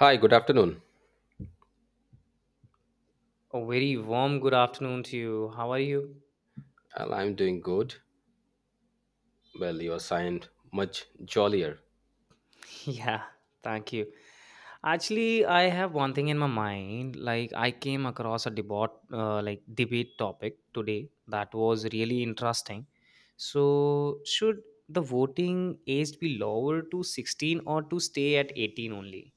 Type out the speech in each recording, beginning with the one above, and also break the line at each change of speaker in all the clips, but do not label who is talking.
Hi, good afternoon.
A very warm good afternoon to you. How are you?
Well, I'm doing good. Well, you assigned much jollier.
Yeah, thank you. Actually, I have one thing in my mind. I came across a debate, like debate topic today that was really interesting. So, should the voting age be lowered to 16 or to stay at 18 only?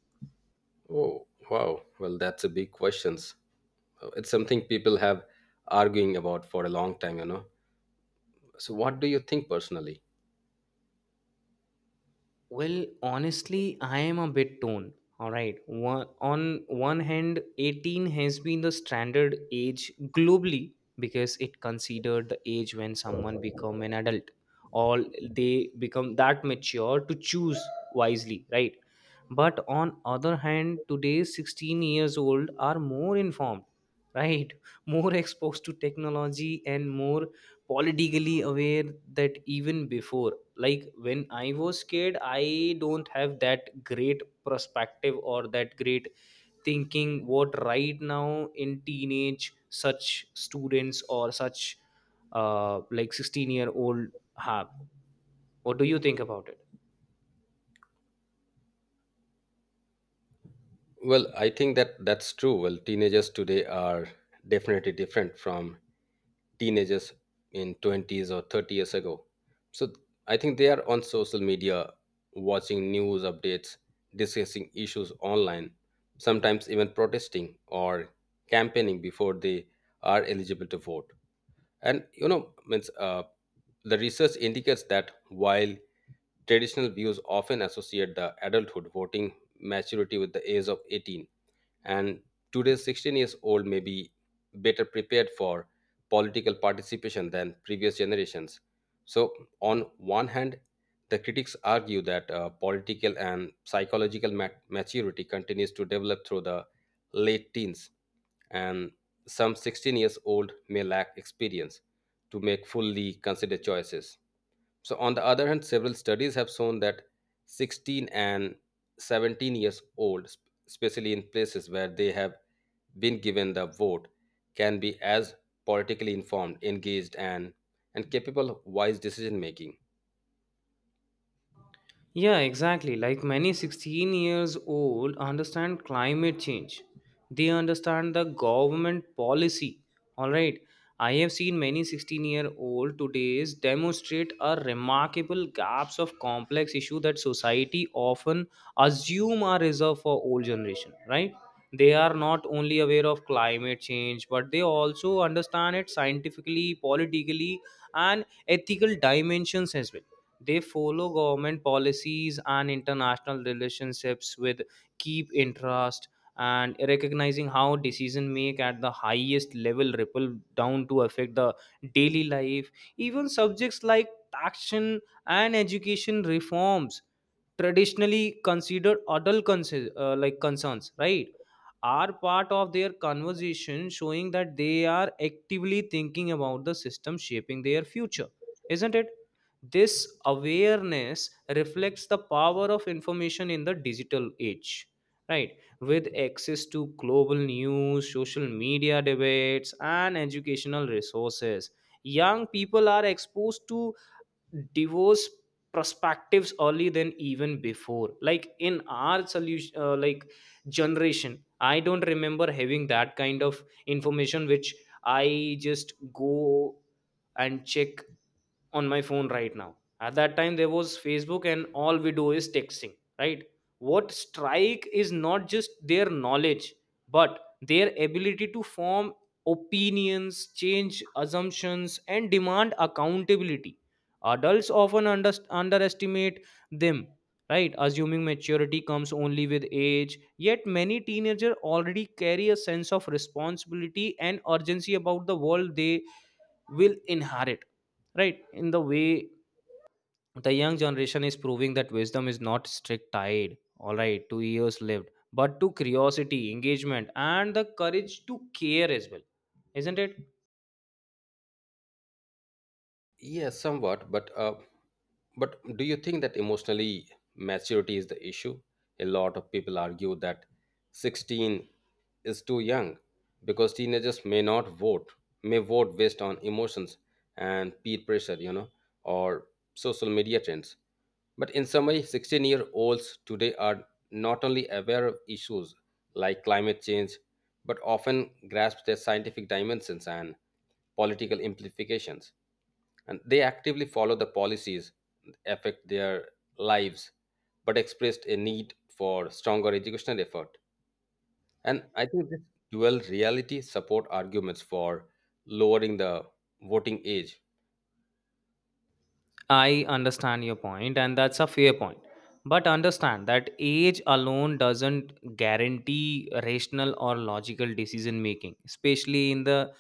Oh, wow. Well, that's a big questions. It's something people have arguing about for a long time. So what do you think personally?
Well, honestly, I am a bit torn. All right. On one hand, 18 has been the standard age globally because it considered the age when someone become an adult, or they become that mature to choose wisely, right? But on other hand, today's 16 years old are more informed, right? More exposed to technology and more politically aware that even before. Like when I was scared, I don't have that great perspective or that great thinking what right now in teenage such students or such like 16-year-old have. What do you think about it?
Well, I think that that's true. Well, teenagers today are definitely different from teenagers in 20s or 30 years ago. So I think they are on social media, watching news updates, discussing issues online, sometimes even protesting or campaigning before they are eligible to vote. And you know, means The research indicates that while traditional views often associate the adulthood voting maturity with the age of 18, and today's 16 years old may be better prepared for political participation than previous generations. So on one hand, the critics argue that political and psychological maturity continues to develop through the late teens, and some 16 years old may lack experience to make fully considered choices. So on the other hand, several studies have shown that 16 and 17 years old especially in places where they have been given the vote can be as politically informed, engaged, and capable of wise decision making.
Yeah, exactly. Like many 16 years old understand climate change. They understand the government policy. All right. I have seen many 16-year-old today's demonstrate a remarkable gaps of complex issue that society often assume are reserved for old generation, right? They are not only aware of climate change, but they also understand it scientifically, politically, and ethical dimensions as well. They follow government policies and international relationships with keep interest, and recognizing how decision make at the highest level ripple down to affect the daily life. Even subjects like taxation and education reforms, traditionally considered adult concerns, like concerns, right, are part of their conversation, showing that they are actively thinking about the system shaping their future, isn't it? This awareness reflects the power of information in the digital age, right? With access to global news, social media debates, and educational resources, young people are exposed to divorce perspectives early than even before. Like in our solution, like generation, I don't remember having that kind of information which I just go and check on my phone right now. At that time there was Facebook, and all we do is texting, right? What strike is not just their knowledge, but their ability to form opinions, change assumptions, and demand accountability. Adults often underestimate them, right? Assuming maturity comes only with age. Yet many teenagers already carry a sense of responsibility and urgency about the world they will inherit, right? In the way the young generation is proving that wisdom is not strict tied, all right, to years lived, but to curiosity, engagement, and the courage to care as well, isn't it?
Yeah, somewhat, but do you think that emotionally maturity is the issue? A lot of people argue that 16 is too young because teenagers may not vote, may vote based on emotions and peer pressure, or social media trends. But in summary, 16-year-olds today are not only aware of issues like climate change, but often grasp their scientific dimensions and political implications, and they actively follow the policies that affect their lives, but expressed a need for stronger educational effort. And I think this dual reality support arguments for lowering the voting age.
I understand your point, and that's a fair point. But understand that age alone doesn't guarantee rational or logical decision making, especially in the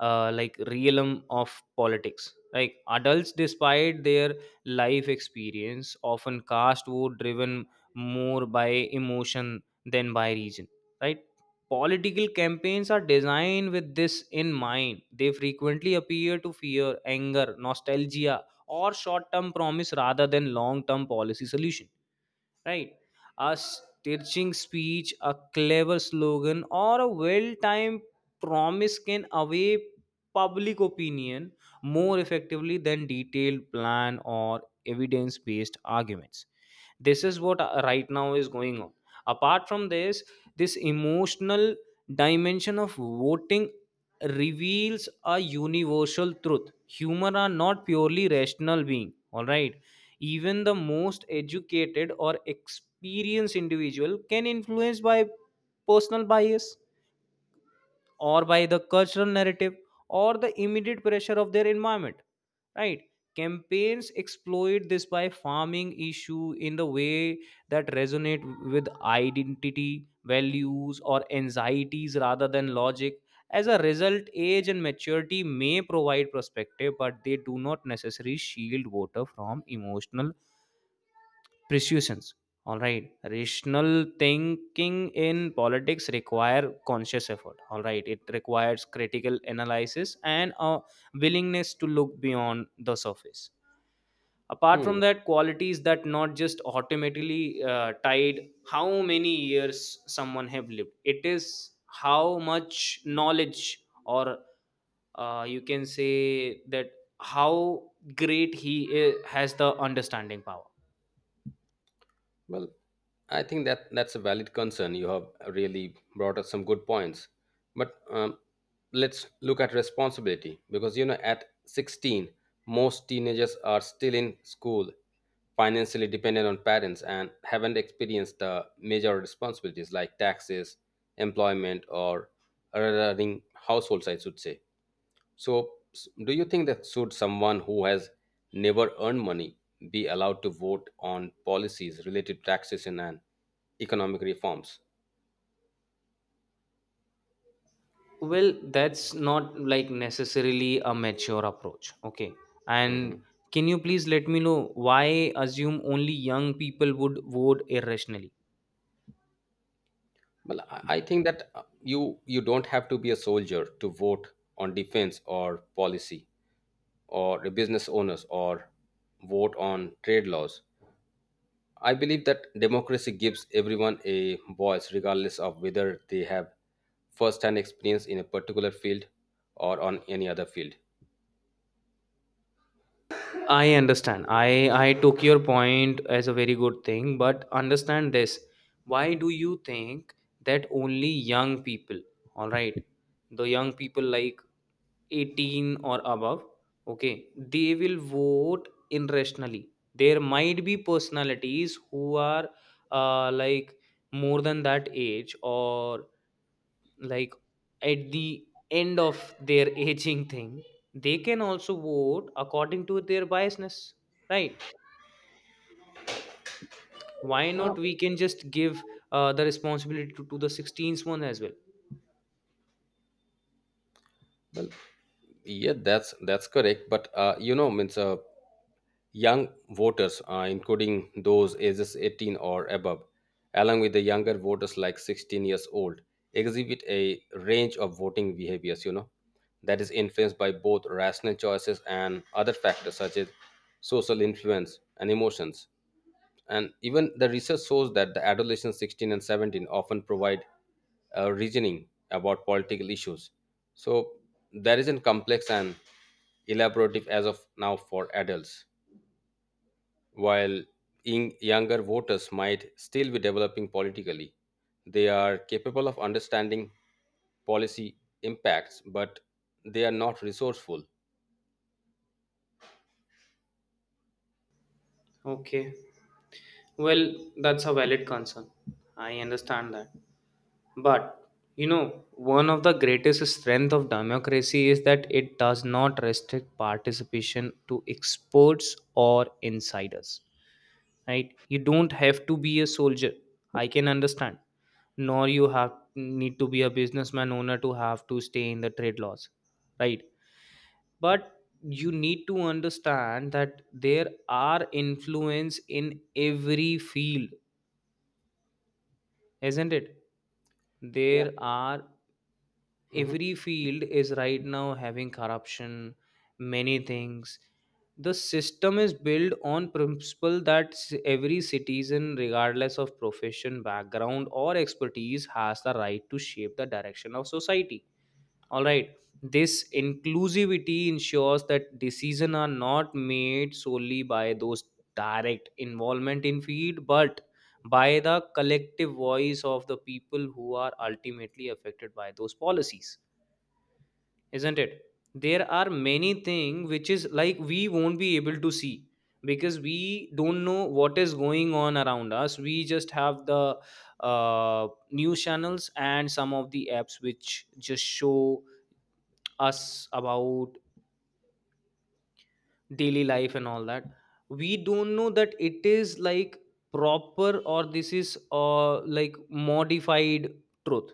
like realm of politics. Like adults, despite their life experience, often cast vote driven more by emotion than by reason. Right? Political campaigns are designed with this in mind. They frequently appear to fear, anger, nostalgia, or short-term promise rather than long-term policy solution, right? A stitching speech, a clever slogan, or a well-timed promise can away public opinion more effectively than detailed plan or evidence-based arguments. This is what, right now, is going on. Apart from this, this emotional dimension of voting reveals a universal truth: human are not purely rational being, all right? Even the most educated or experienced individual can influence by personal bias, or by the cultural narrative, or the immediate pressure of their environment, right? Campaigns exploit this by farming issue in the way that resonate with identity values or anxieties rather than logic. As a result, age and maturity may provide perspective, but they do not necessarily shield voter from emotional persuasions. All right, rational thinking in politics require conscious effort. All right, it requires critical analysis and a willingness to look beyond the surface. Apart
Hmm.
from that, qualities that not just automatically tied how many years someone have lived. It is how much knowledge, or you can say that, how great has the understanding power.
Well, I think that that's a valid concern. You have really brought up some good points, but let's look at responsibility, because you know at 16, most teenagers are still in school, financially dependent on parents, and haven't experienced the major responsibilities like taxes, employment, or running households, I should say. So, do you think that should someone who has never earned money be allowed to vote on policies related to taxation and economic reforms?
Well, that's not like necessarily a mature approach, okay? And
Hmm.
can you please let me know why assume only young people would vote irrationally?
Well, I think that you don't have to be a soldier to vote on defense or policy, or a business owners or vote on trade laws. I believe that democracy gives everyone a voice, regardless of whether they have first-hand experience in a particular field or on any other field.
I understand. I took your point as a very good thing, but understand this. Why do you think that only young people, all right, the young people like 18 or above, okay, they will vote irrationally. There might be personalities who are like more than that age, or like at the end of their aging thing. They can also vote according to their biasness, right? Why not we can just give the responsibility to the 16th one as well?
Well, yeah, that's correct. But you know, means Young voters, including those ages 18 or above, along with the younger voters like 16 years old, exhibit a range of voting behaviors. You know, that is influenced by both rational choices and other factors such as social influence and emotions. And even the research shows that the adolescents 16 and 17 often provide reasoning about political issues, so there isn't complex and elaborative as of now for adults, while in younger voters might still be developing politically, they are capable of understanding policy impacts, but they are not resourceful.
Okay, well, that's a valid concern, I understand that. But you know, one of the greatest strength of democracy is that it does not restrict participation to experts or insiders, right? You don't have to be a soldier, I can understand. Nor you have need to be a businessman owner to have to stay in the trade laws, right? But you need to understand that there are influence in every field, isn't it?
Yep.
There are,
Hmm.
every field is right now having corruption, many things. The system is built on principle that every citizen regardless of profession, background or expertise has the right to shape the direction of society, all right? This inclusivity ensures that decisions are not made solely by those direct involvement in field, but by the collective voice of the people who are ultimately affected by those policies, isn't it? There are many things which is like we won't be able to see, because we don't know what is going on around us. We just have the news channels and some of the apps which just show us about daily life and all that. We don't know that it is like proper or this is like modified truth,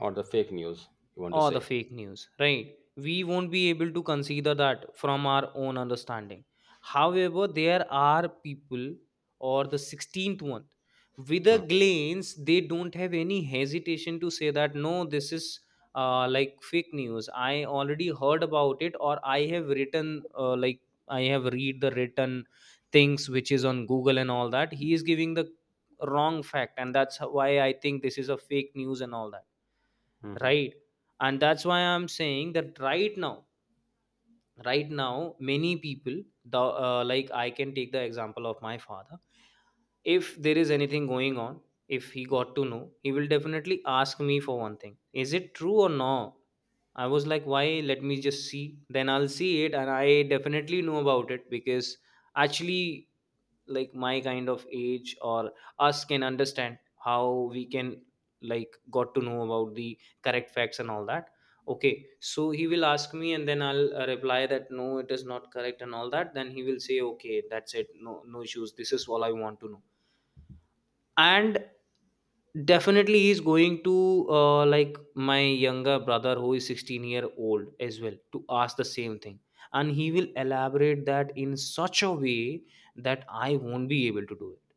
Or the fake news, you want to
or the
say.
fake news, right? We won't be able to consider that from our own understanding. However, there are people, or the 16th one, with a
Hmm.
glance, they don't have any hesitation to say that no, this is like fake news. I already heard about it, or I have written, like, I have read the written things which is on Google and all that. He is giving the wrong fact, and why I think this is a fake news and all that, right? And that's why I'm saying that right now, right now many people, the like I can take the example of my father. If there is anything going on, if he got to know, he will definitely ask me for one thing: is it true or no? I was like, why, let me just see, then I'll see it, and I definitely know about it because actually like my kind of age or us can understand how we can like got to know about the correct facts and all that. Okay, so he will ask me, and then I'll reply that no, it is not correct and all that. Then he will say okay, that's it, no, no issues, this is all I want to know. And definitely he's going to like my younger brother who is 16-year-old as well to ask the same thing, and he will elaborate that in such a way that I won't be able to do it,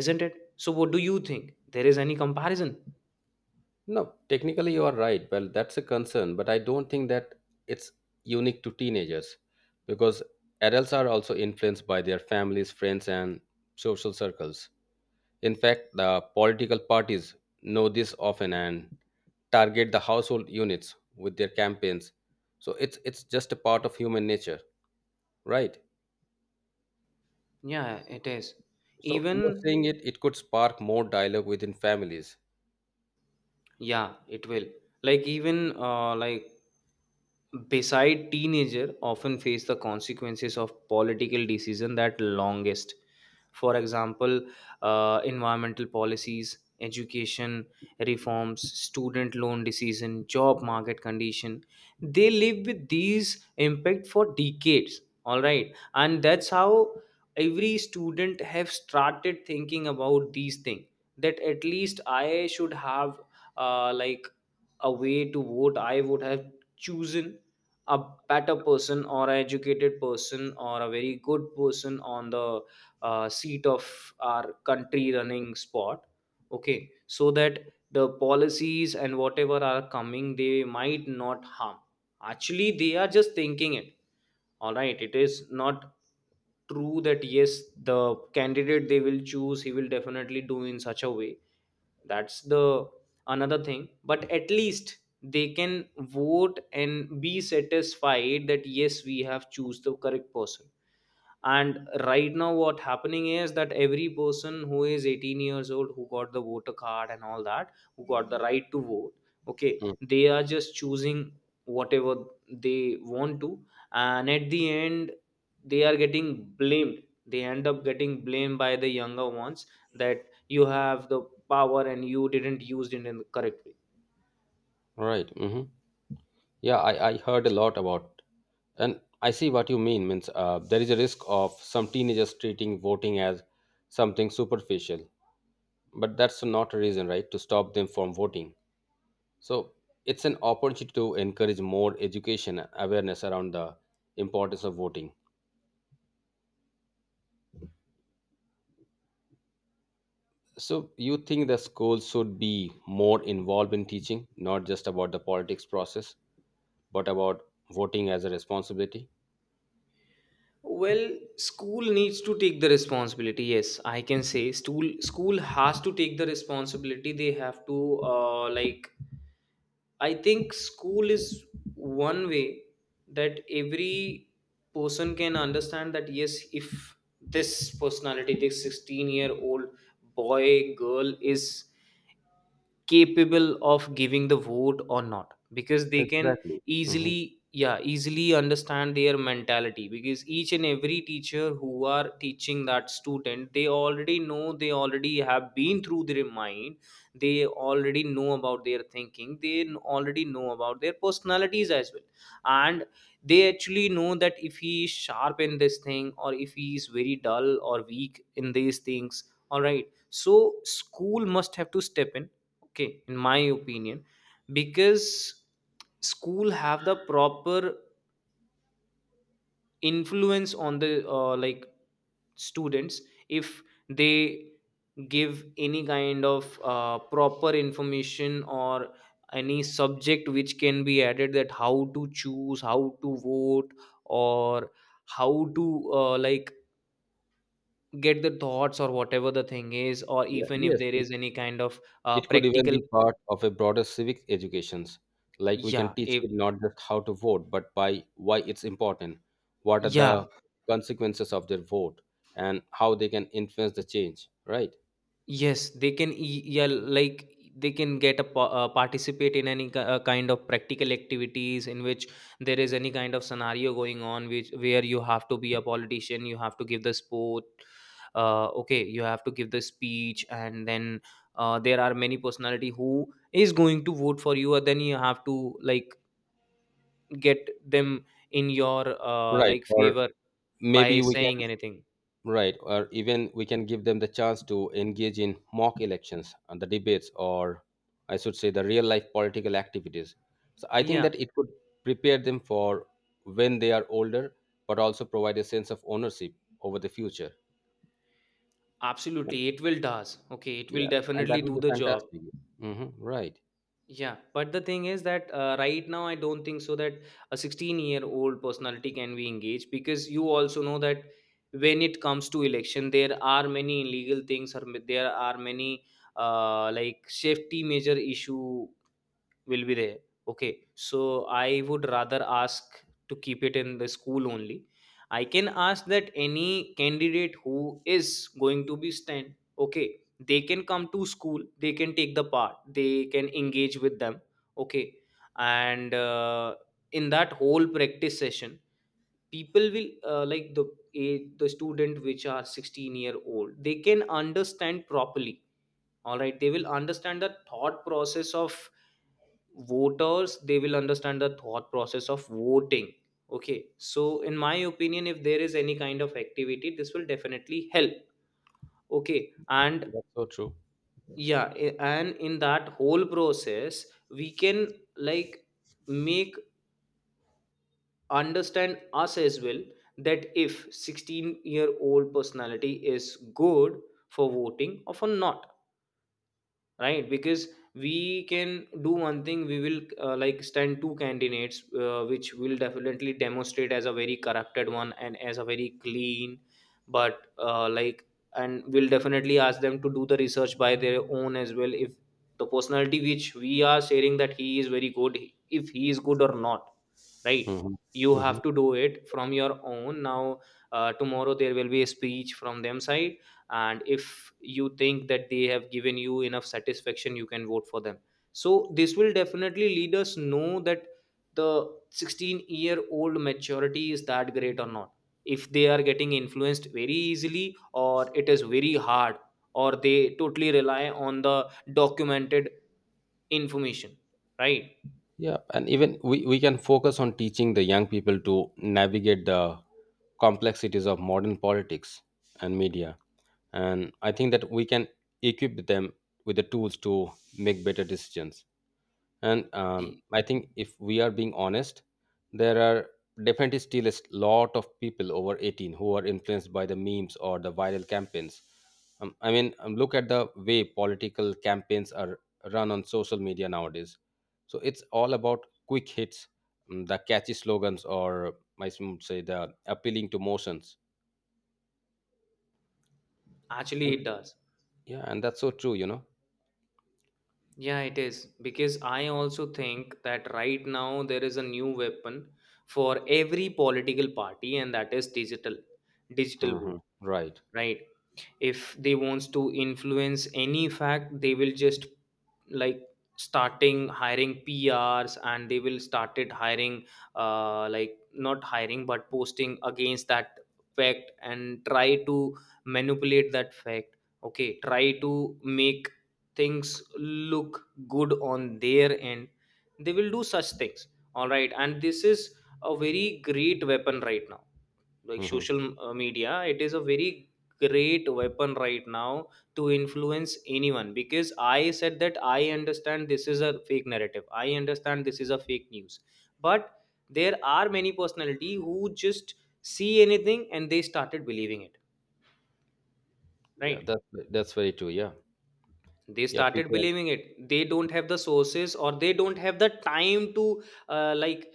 isn't it? So, what do you think? There is any comparison?
No, technically you are right. Well, that's a concern, but I don't think that it's unique to teenagers, because adults are also influenced by their families, friends, and social circles. In fact, the political parties know this often and target the household units with their campaigns. So it's just a part of human nature, right?
Yeah, it is.
So you are
Even,
saying it could spark more dialogue within families.
yeah, it will, like even like beside teenager often face the consequences of political decision that longest. For example, environmental policies, education reforms, student loan decision, job market condition, they live with these impact for decades, all right? And that's how every student have started thinking about these things, that at least I should have like a way to vote, I would have chosen a better person, or an educated person, or a very good person on the seat of our country running spot. Okay, so that the policies and whatever are coming they might not harm. Actually they are just thinking it, all right? It is not true that yes, the candidate they will choose he will definitely do in such a way, that's the another thing. But at least they can vote and be satisfied that yes, we have choose the correct person. And right now what happening is that every person who is 18 years old, who got the voter card and all that, who got the right to vote, okay,
Mm.
they are just choosing whatever they want to, and at the end they are getting blamed. They end up getting blamed by the younger ones that you have the power and you didn't use it in the correct way.
Right. Mhm. Yeah, I heard a lot about, and I see what you mean. Means There is a risk of some teenagers treating voting as something superficial, but that's not a reason, right, to stop them from voting. So it's an opportunity to encourage more education and awareness around the importance of voting. So you think the schools should be more involved in teaching, not just about the politics process, but about voting as a responsibility?
Well, school needs to take the responsibility. Yes, I can say school has to take the responsibility. They have to uh, like I think school is one way that every person can understand that, yes, if this personality, this 16-year-old boy, girl is capable of giving the vote or not, because they can
Exactly. Mhm.
easily, yeah, easily understand their mentality, because each and every teacher who are teaching that student, they already know, they already have been through their mind, they already know about their thinking, they already know about their personalities as well. And they actually know that if he is sharp in this thing or if he is very dull or weak in these things. All right, so school must have to step in, okay, in my opinion, because school have the proper influence on the uh, like students. If they give any kind of proper information or any subject which can be added, that how to choose, how to vote, or how to uh, like get the thoughts or whatever the thing is, or
Yeah,
even if
yes,
there is any kind of
it could even
practical,
be part of a broader civic educations. Like we can
yeah
teach
if
kids not just how to vote, but by why it's important, what are
yeah.
the consequences of their vote, and how they can influence the change. Right.
Yes, they can yeah, like, they can get a participate in any kind of practical activities, in which there is any kind of scenario going on, which where you have to be a politician, you have to give the sport, okay, you have to give the speech, and then there are many personality who is going to vote for you, and then you have to, like, get them in your
Right. Or
favor
maybe
by
we can.
saying anything.
Right, or even we can give them the chance to engage in mock elections and the debates, or I should say, the real life political activities. So I think
Yeah,
that it could prepare them for when they are older, but also provide a sense of ownership over the future. And
absolutely, it will does. Okay, it will
yeah, and that
definitely
would
do
be
the job.
fantastic. Hmm. Right,
Yeah, but the thing is that, right now I don't think so that a 16-year-old personality can be engaged, because you also know that when it comes to election, there are many illegal things, or there are many safety measure issue will be there. Okay, so I would rather ask to keep it in the school only. I can ask that any candidate who is going to be stand, okay, they can come to school, they can take the part, they can engage with them, okay. And in that whole practice session, people will the the student which are 16-year old, they can understand properly. All right, they will understand the thought process of voters, they will understand the thought process of voting. Okay, so in my opinion, if there is any kind of activity, this will definitely help, okay. And
that's so true.
yeah, and in that whole process we can, like, make understand us as well, that if 16-year-old personality is good for voting or for not, right? Because we can do one thing, we will stand two candidates, which will definitely demonstrate as a very corrupted one and as a very clean. But and we'll definitely ask them to do the research by their own as well, if the personality which we are sharing that he is very good, if he is good or not, right?
Hmm.
You
Hmm.
have to do it from your own now. Tomorrow there will be a speech from them side, and if you think that they have given you enough satisfaction, you can vote for them. So this will definitely lead us know that the 16-year-old maturity is that great or not, if they are getting influenced very easily or it is very hard, or they totally rely on the documented information, right?
Yeah, and even we can focus on teaching the young people to navigate the complexities of modern politics and media. And I think that we can equip them with the tools to make better decisions. And I think if we are being honest, there are definitely still a lot of people over 18 who are influenced by the memes or the viral campaigns. Look at the way political campaigns are run on social media nowadays. So it's all about quick hits, mm, the catchy slogans, or I should say the appealing to motions.
Actually
And,
it does.
yeah, and that's so true, you know.
Yeah, it is, because I also think that right now there is a new weapon for every political party, and that is digital, digital world,
Hmm. Right.
right? If they wants to influence any fact, they will just, like, starting hiring PRs, and they will started hiring, not hiring, but posting against that fact and try to manipulate that fact. Okay, try to make things look good on their end, they will do such things. All right, and this is a very great weapon right now, like
Hmm.
social media, it is a very great weapon right now to influence anyone. Because I said that I understand this is a fake narrative, I understand this is a fake news, but there are many personality who just see anything and they started believing it,
Yeah,
right?
that's very true. Yeah,
They
yeah.
started
People,
believing it, they don't have the sources, or they don't have the time to uh, like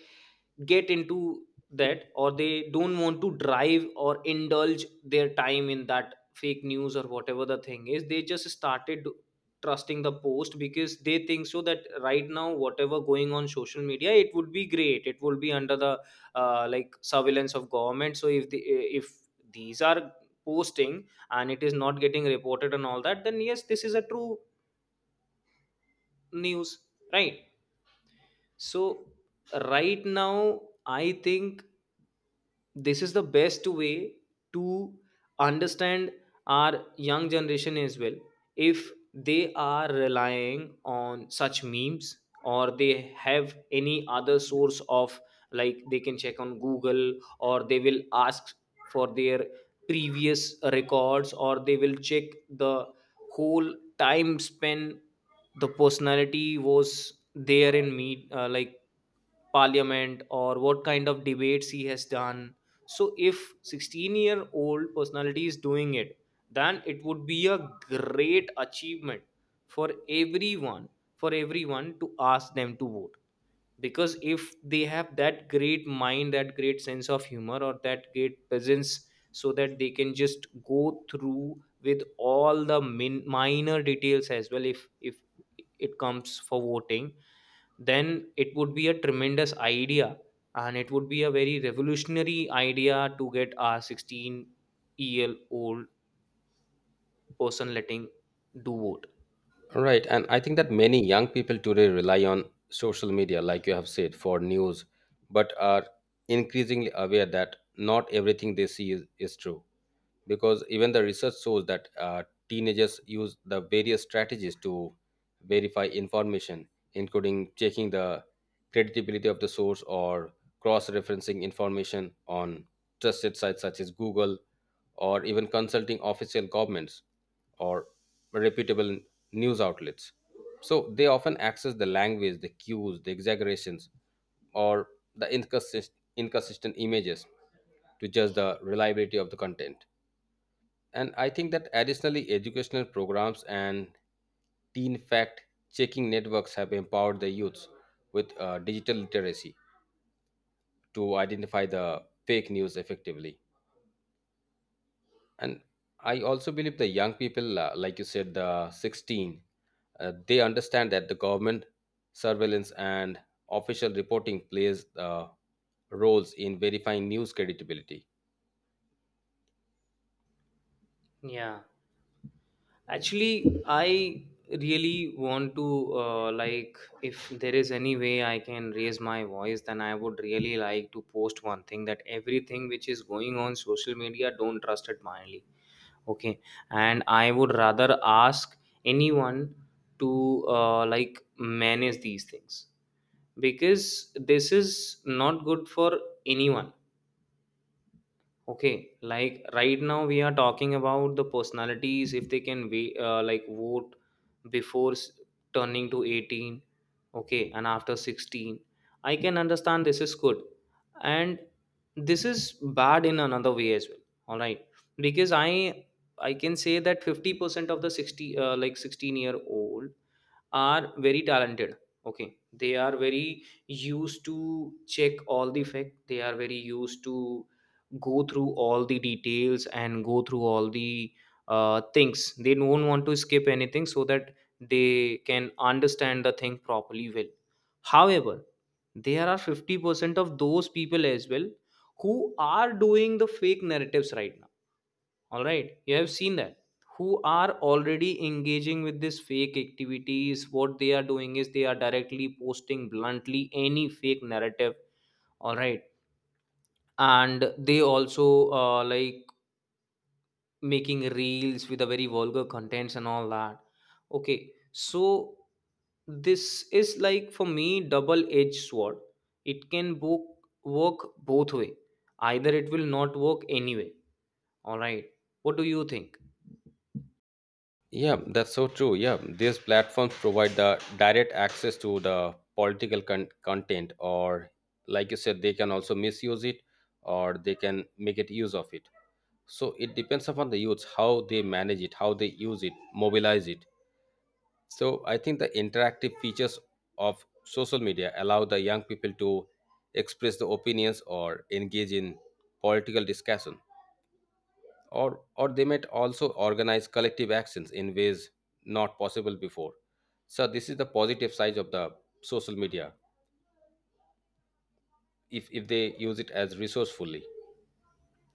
get into that, or they don't want to drive or indulge their time in that fake news or whatever the thing is, they just started trusting the post, because they think so that right now whatever going on social media, it would be great, it will be under the surveillance of government. So if the, if these are posting and it is not getting reported and all that, then yes, this is a true news, right? So right now I think this is the best way to understand our young generation as well, if they are relying on such memes, or they have any other source of, like, they can check on Google, or they will ask for their previous records, or they will check the whole time span the personality was there in meet, parliament, or what kind of debates he has done. So if 16-year-old personality is doing it, then it would be a great achievement for everyone, for everyone to ask them to vote. Because if they have that great mind, that great sense of humor, or that great presence, so that they can just go through with all the minor details as well, if it comes for voting, then it would be a tremendous idea, and it would be a very revolutionary idea to get our 16-year-old person letting do vote.
right. And I think that many young people today rely on social media, like you have said, for news, but are increasingly aware that not everything they see is true. Because even the research shows that teenagers use the various strategies to verify information, including checking the credibility of the source or cross referencing information on trusted sites such as Google, or even consulting official governments or reputable news outlets. So they often access the language, the cues, the exaggerations, or the inconsistent images to judge the reliability of the content. And I think that additionally, educational programs and teen fact checking networks have empowered the youths with digital literacy to identify the fake news effectively. And I also believe the young people like you said, the 16, they understand that the government surveillance and official reporting plays roles in verifying news credibility.
Yeah, actually I really want to, if there is any way I can raise my voice, then I would really like to post one thing: that everything which is going on social media, don't trust it blindly. Okay, and I would rather ask anyone to manage these things, because this is not good for anyone. Okay, like, right now we are talking about the personalities, if they can we vote before turning to 18, okay, and after 16. I can understand this is good. And this is bad in another way as well. All right. Because I can say that 50% of the 60 16-year-old are very talented, okay, they are very used to check all the fact, they are very used to go through all the details and go through all the things, they don't want to skip anything, so that they can understand the thing properly well. However, there are 50% of those people as well who are doing the fake narratives right now. All right, you have seen that, who are already engaging with this fake activities. What they are doing is, they are directly posting bluntly any fake narrative. All right. And they also making reels with the very vulgar contents and all that. Okay, so this is, like, for me, double edged sword. It can book work both way, either it will not work anyway. All right, what do you think?
Yeah, that's so true. Yeah, these platforms provide the direct access to the political content, or like you said, they can also misuse it, or they can make it use of it. So it depends upon the youths how they manage it, how they use it, mobilize it. So I think the interactive features of social media allow the young people to express their opinions or engage in political discussion, or they might also organize collective actions in ways not possible before. So this is the positive side of the social media if they use it as resourcefully.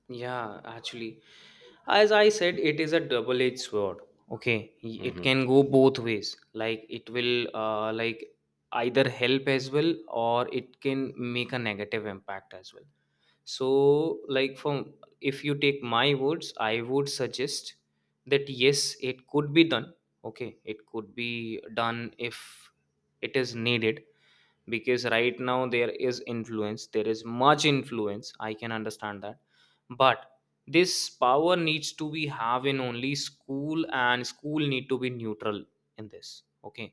Yeah, actually, as I said, it is a double edged sword. Okay, it
Mhm.
can go both ways, like, it will either help as well, or it can make a negative impact as well. So like, from, if you take my words, I would suggest that yes, it could be done. Okay, it could be done if it is needed, because right now there is influence, there is much influence, I can understand that. But this power needs to be have in only school, and school need to be neutral in this, okay.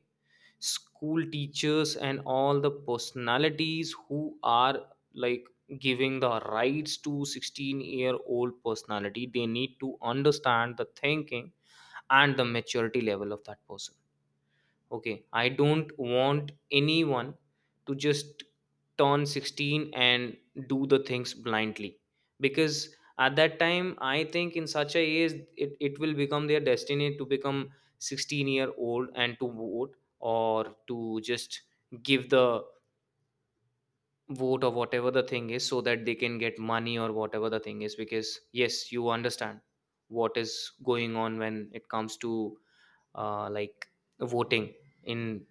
School teachers and all the personalities who are, like, giving the rights to 16 year old personality, they need to understand the thinking and the maturity level of that person. Okay, I don't want anyone to just turn 16 and do the things blindly, because at that time, I think, in such a age, it will become their destiny to become 16-year-old and to vote, or to just give the vote or whatever the thing is, so that they can get money or whatever the thing is. Because yes, you understand what is going on when it comes to uh, like voting in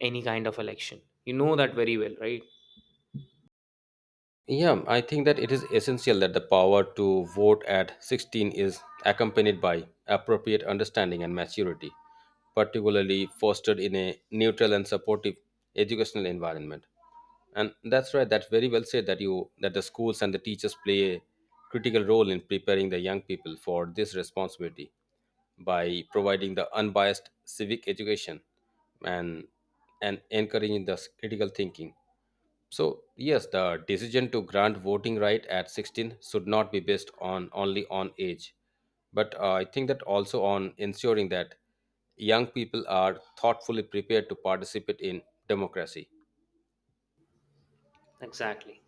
any kind of election. You know that very well, right?
Yeah, I think that it is essential that the power to vote at 16 is accompanied by appropriate understanding and maturity, particularly fostered in a neutral and supportive educational environment. And that's right, that's very well said that you that the schools and the teachers play a critical role in preparing the young people for this responsibility by providing the unbiased civic education and and encouraging the critical thinking. So, yes, the decision to grant voting right at 16 should not be based on only on age, but I think that also on ensuring that young people are thoughtfully prepared to participate in democracy.
Exactly.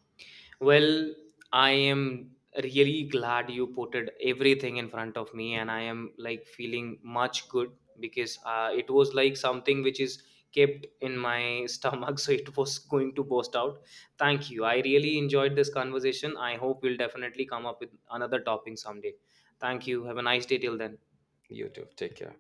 Well, I am really glad you put it everything in front of me, and I am, like, feeling much good, because it was like something which is kept in my stomach, so it was going to burst out. Thank you. I really enjoyed this conversation. I hope we'll definitely come up with another topic someday. Thank you. Have a nice day till then.
You too. Take care.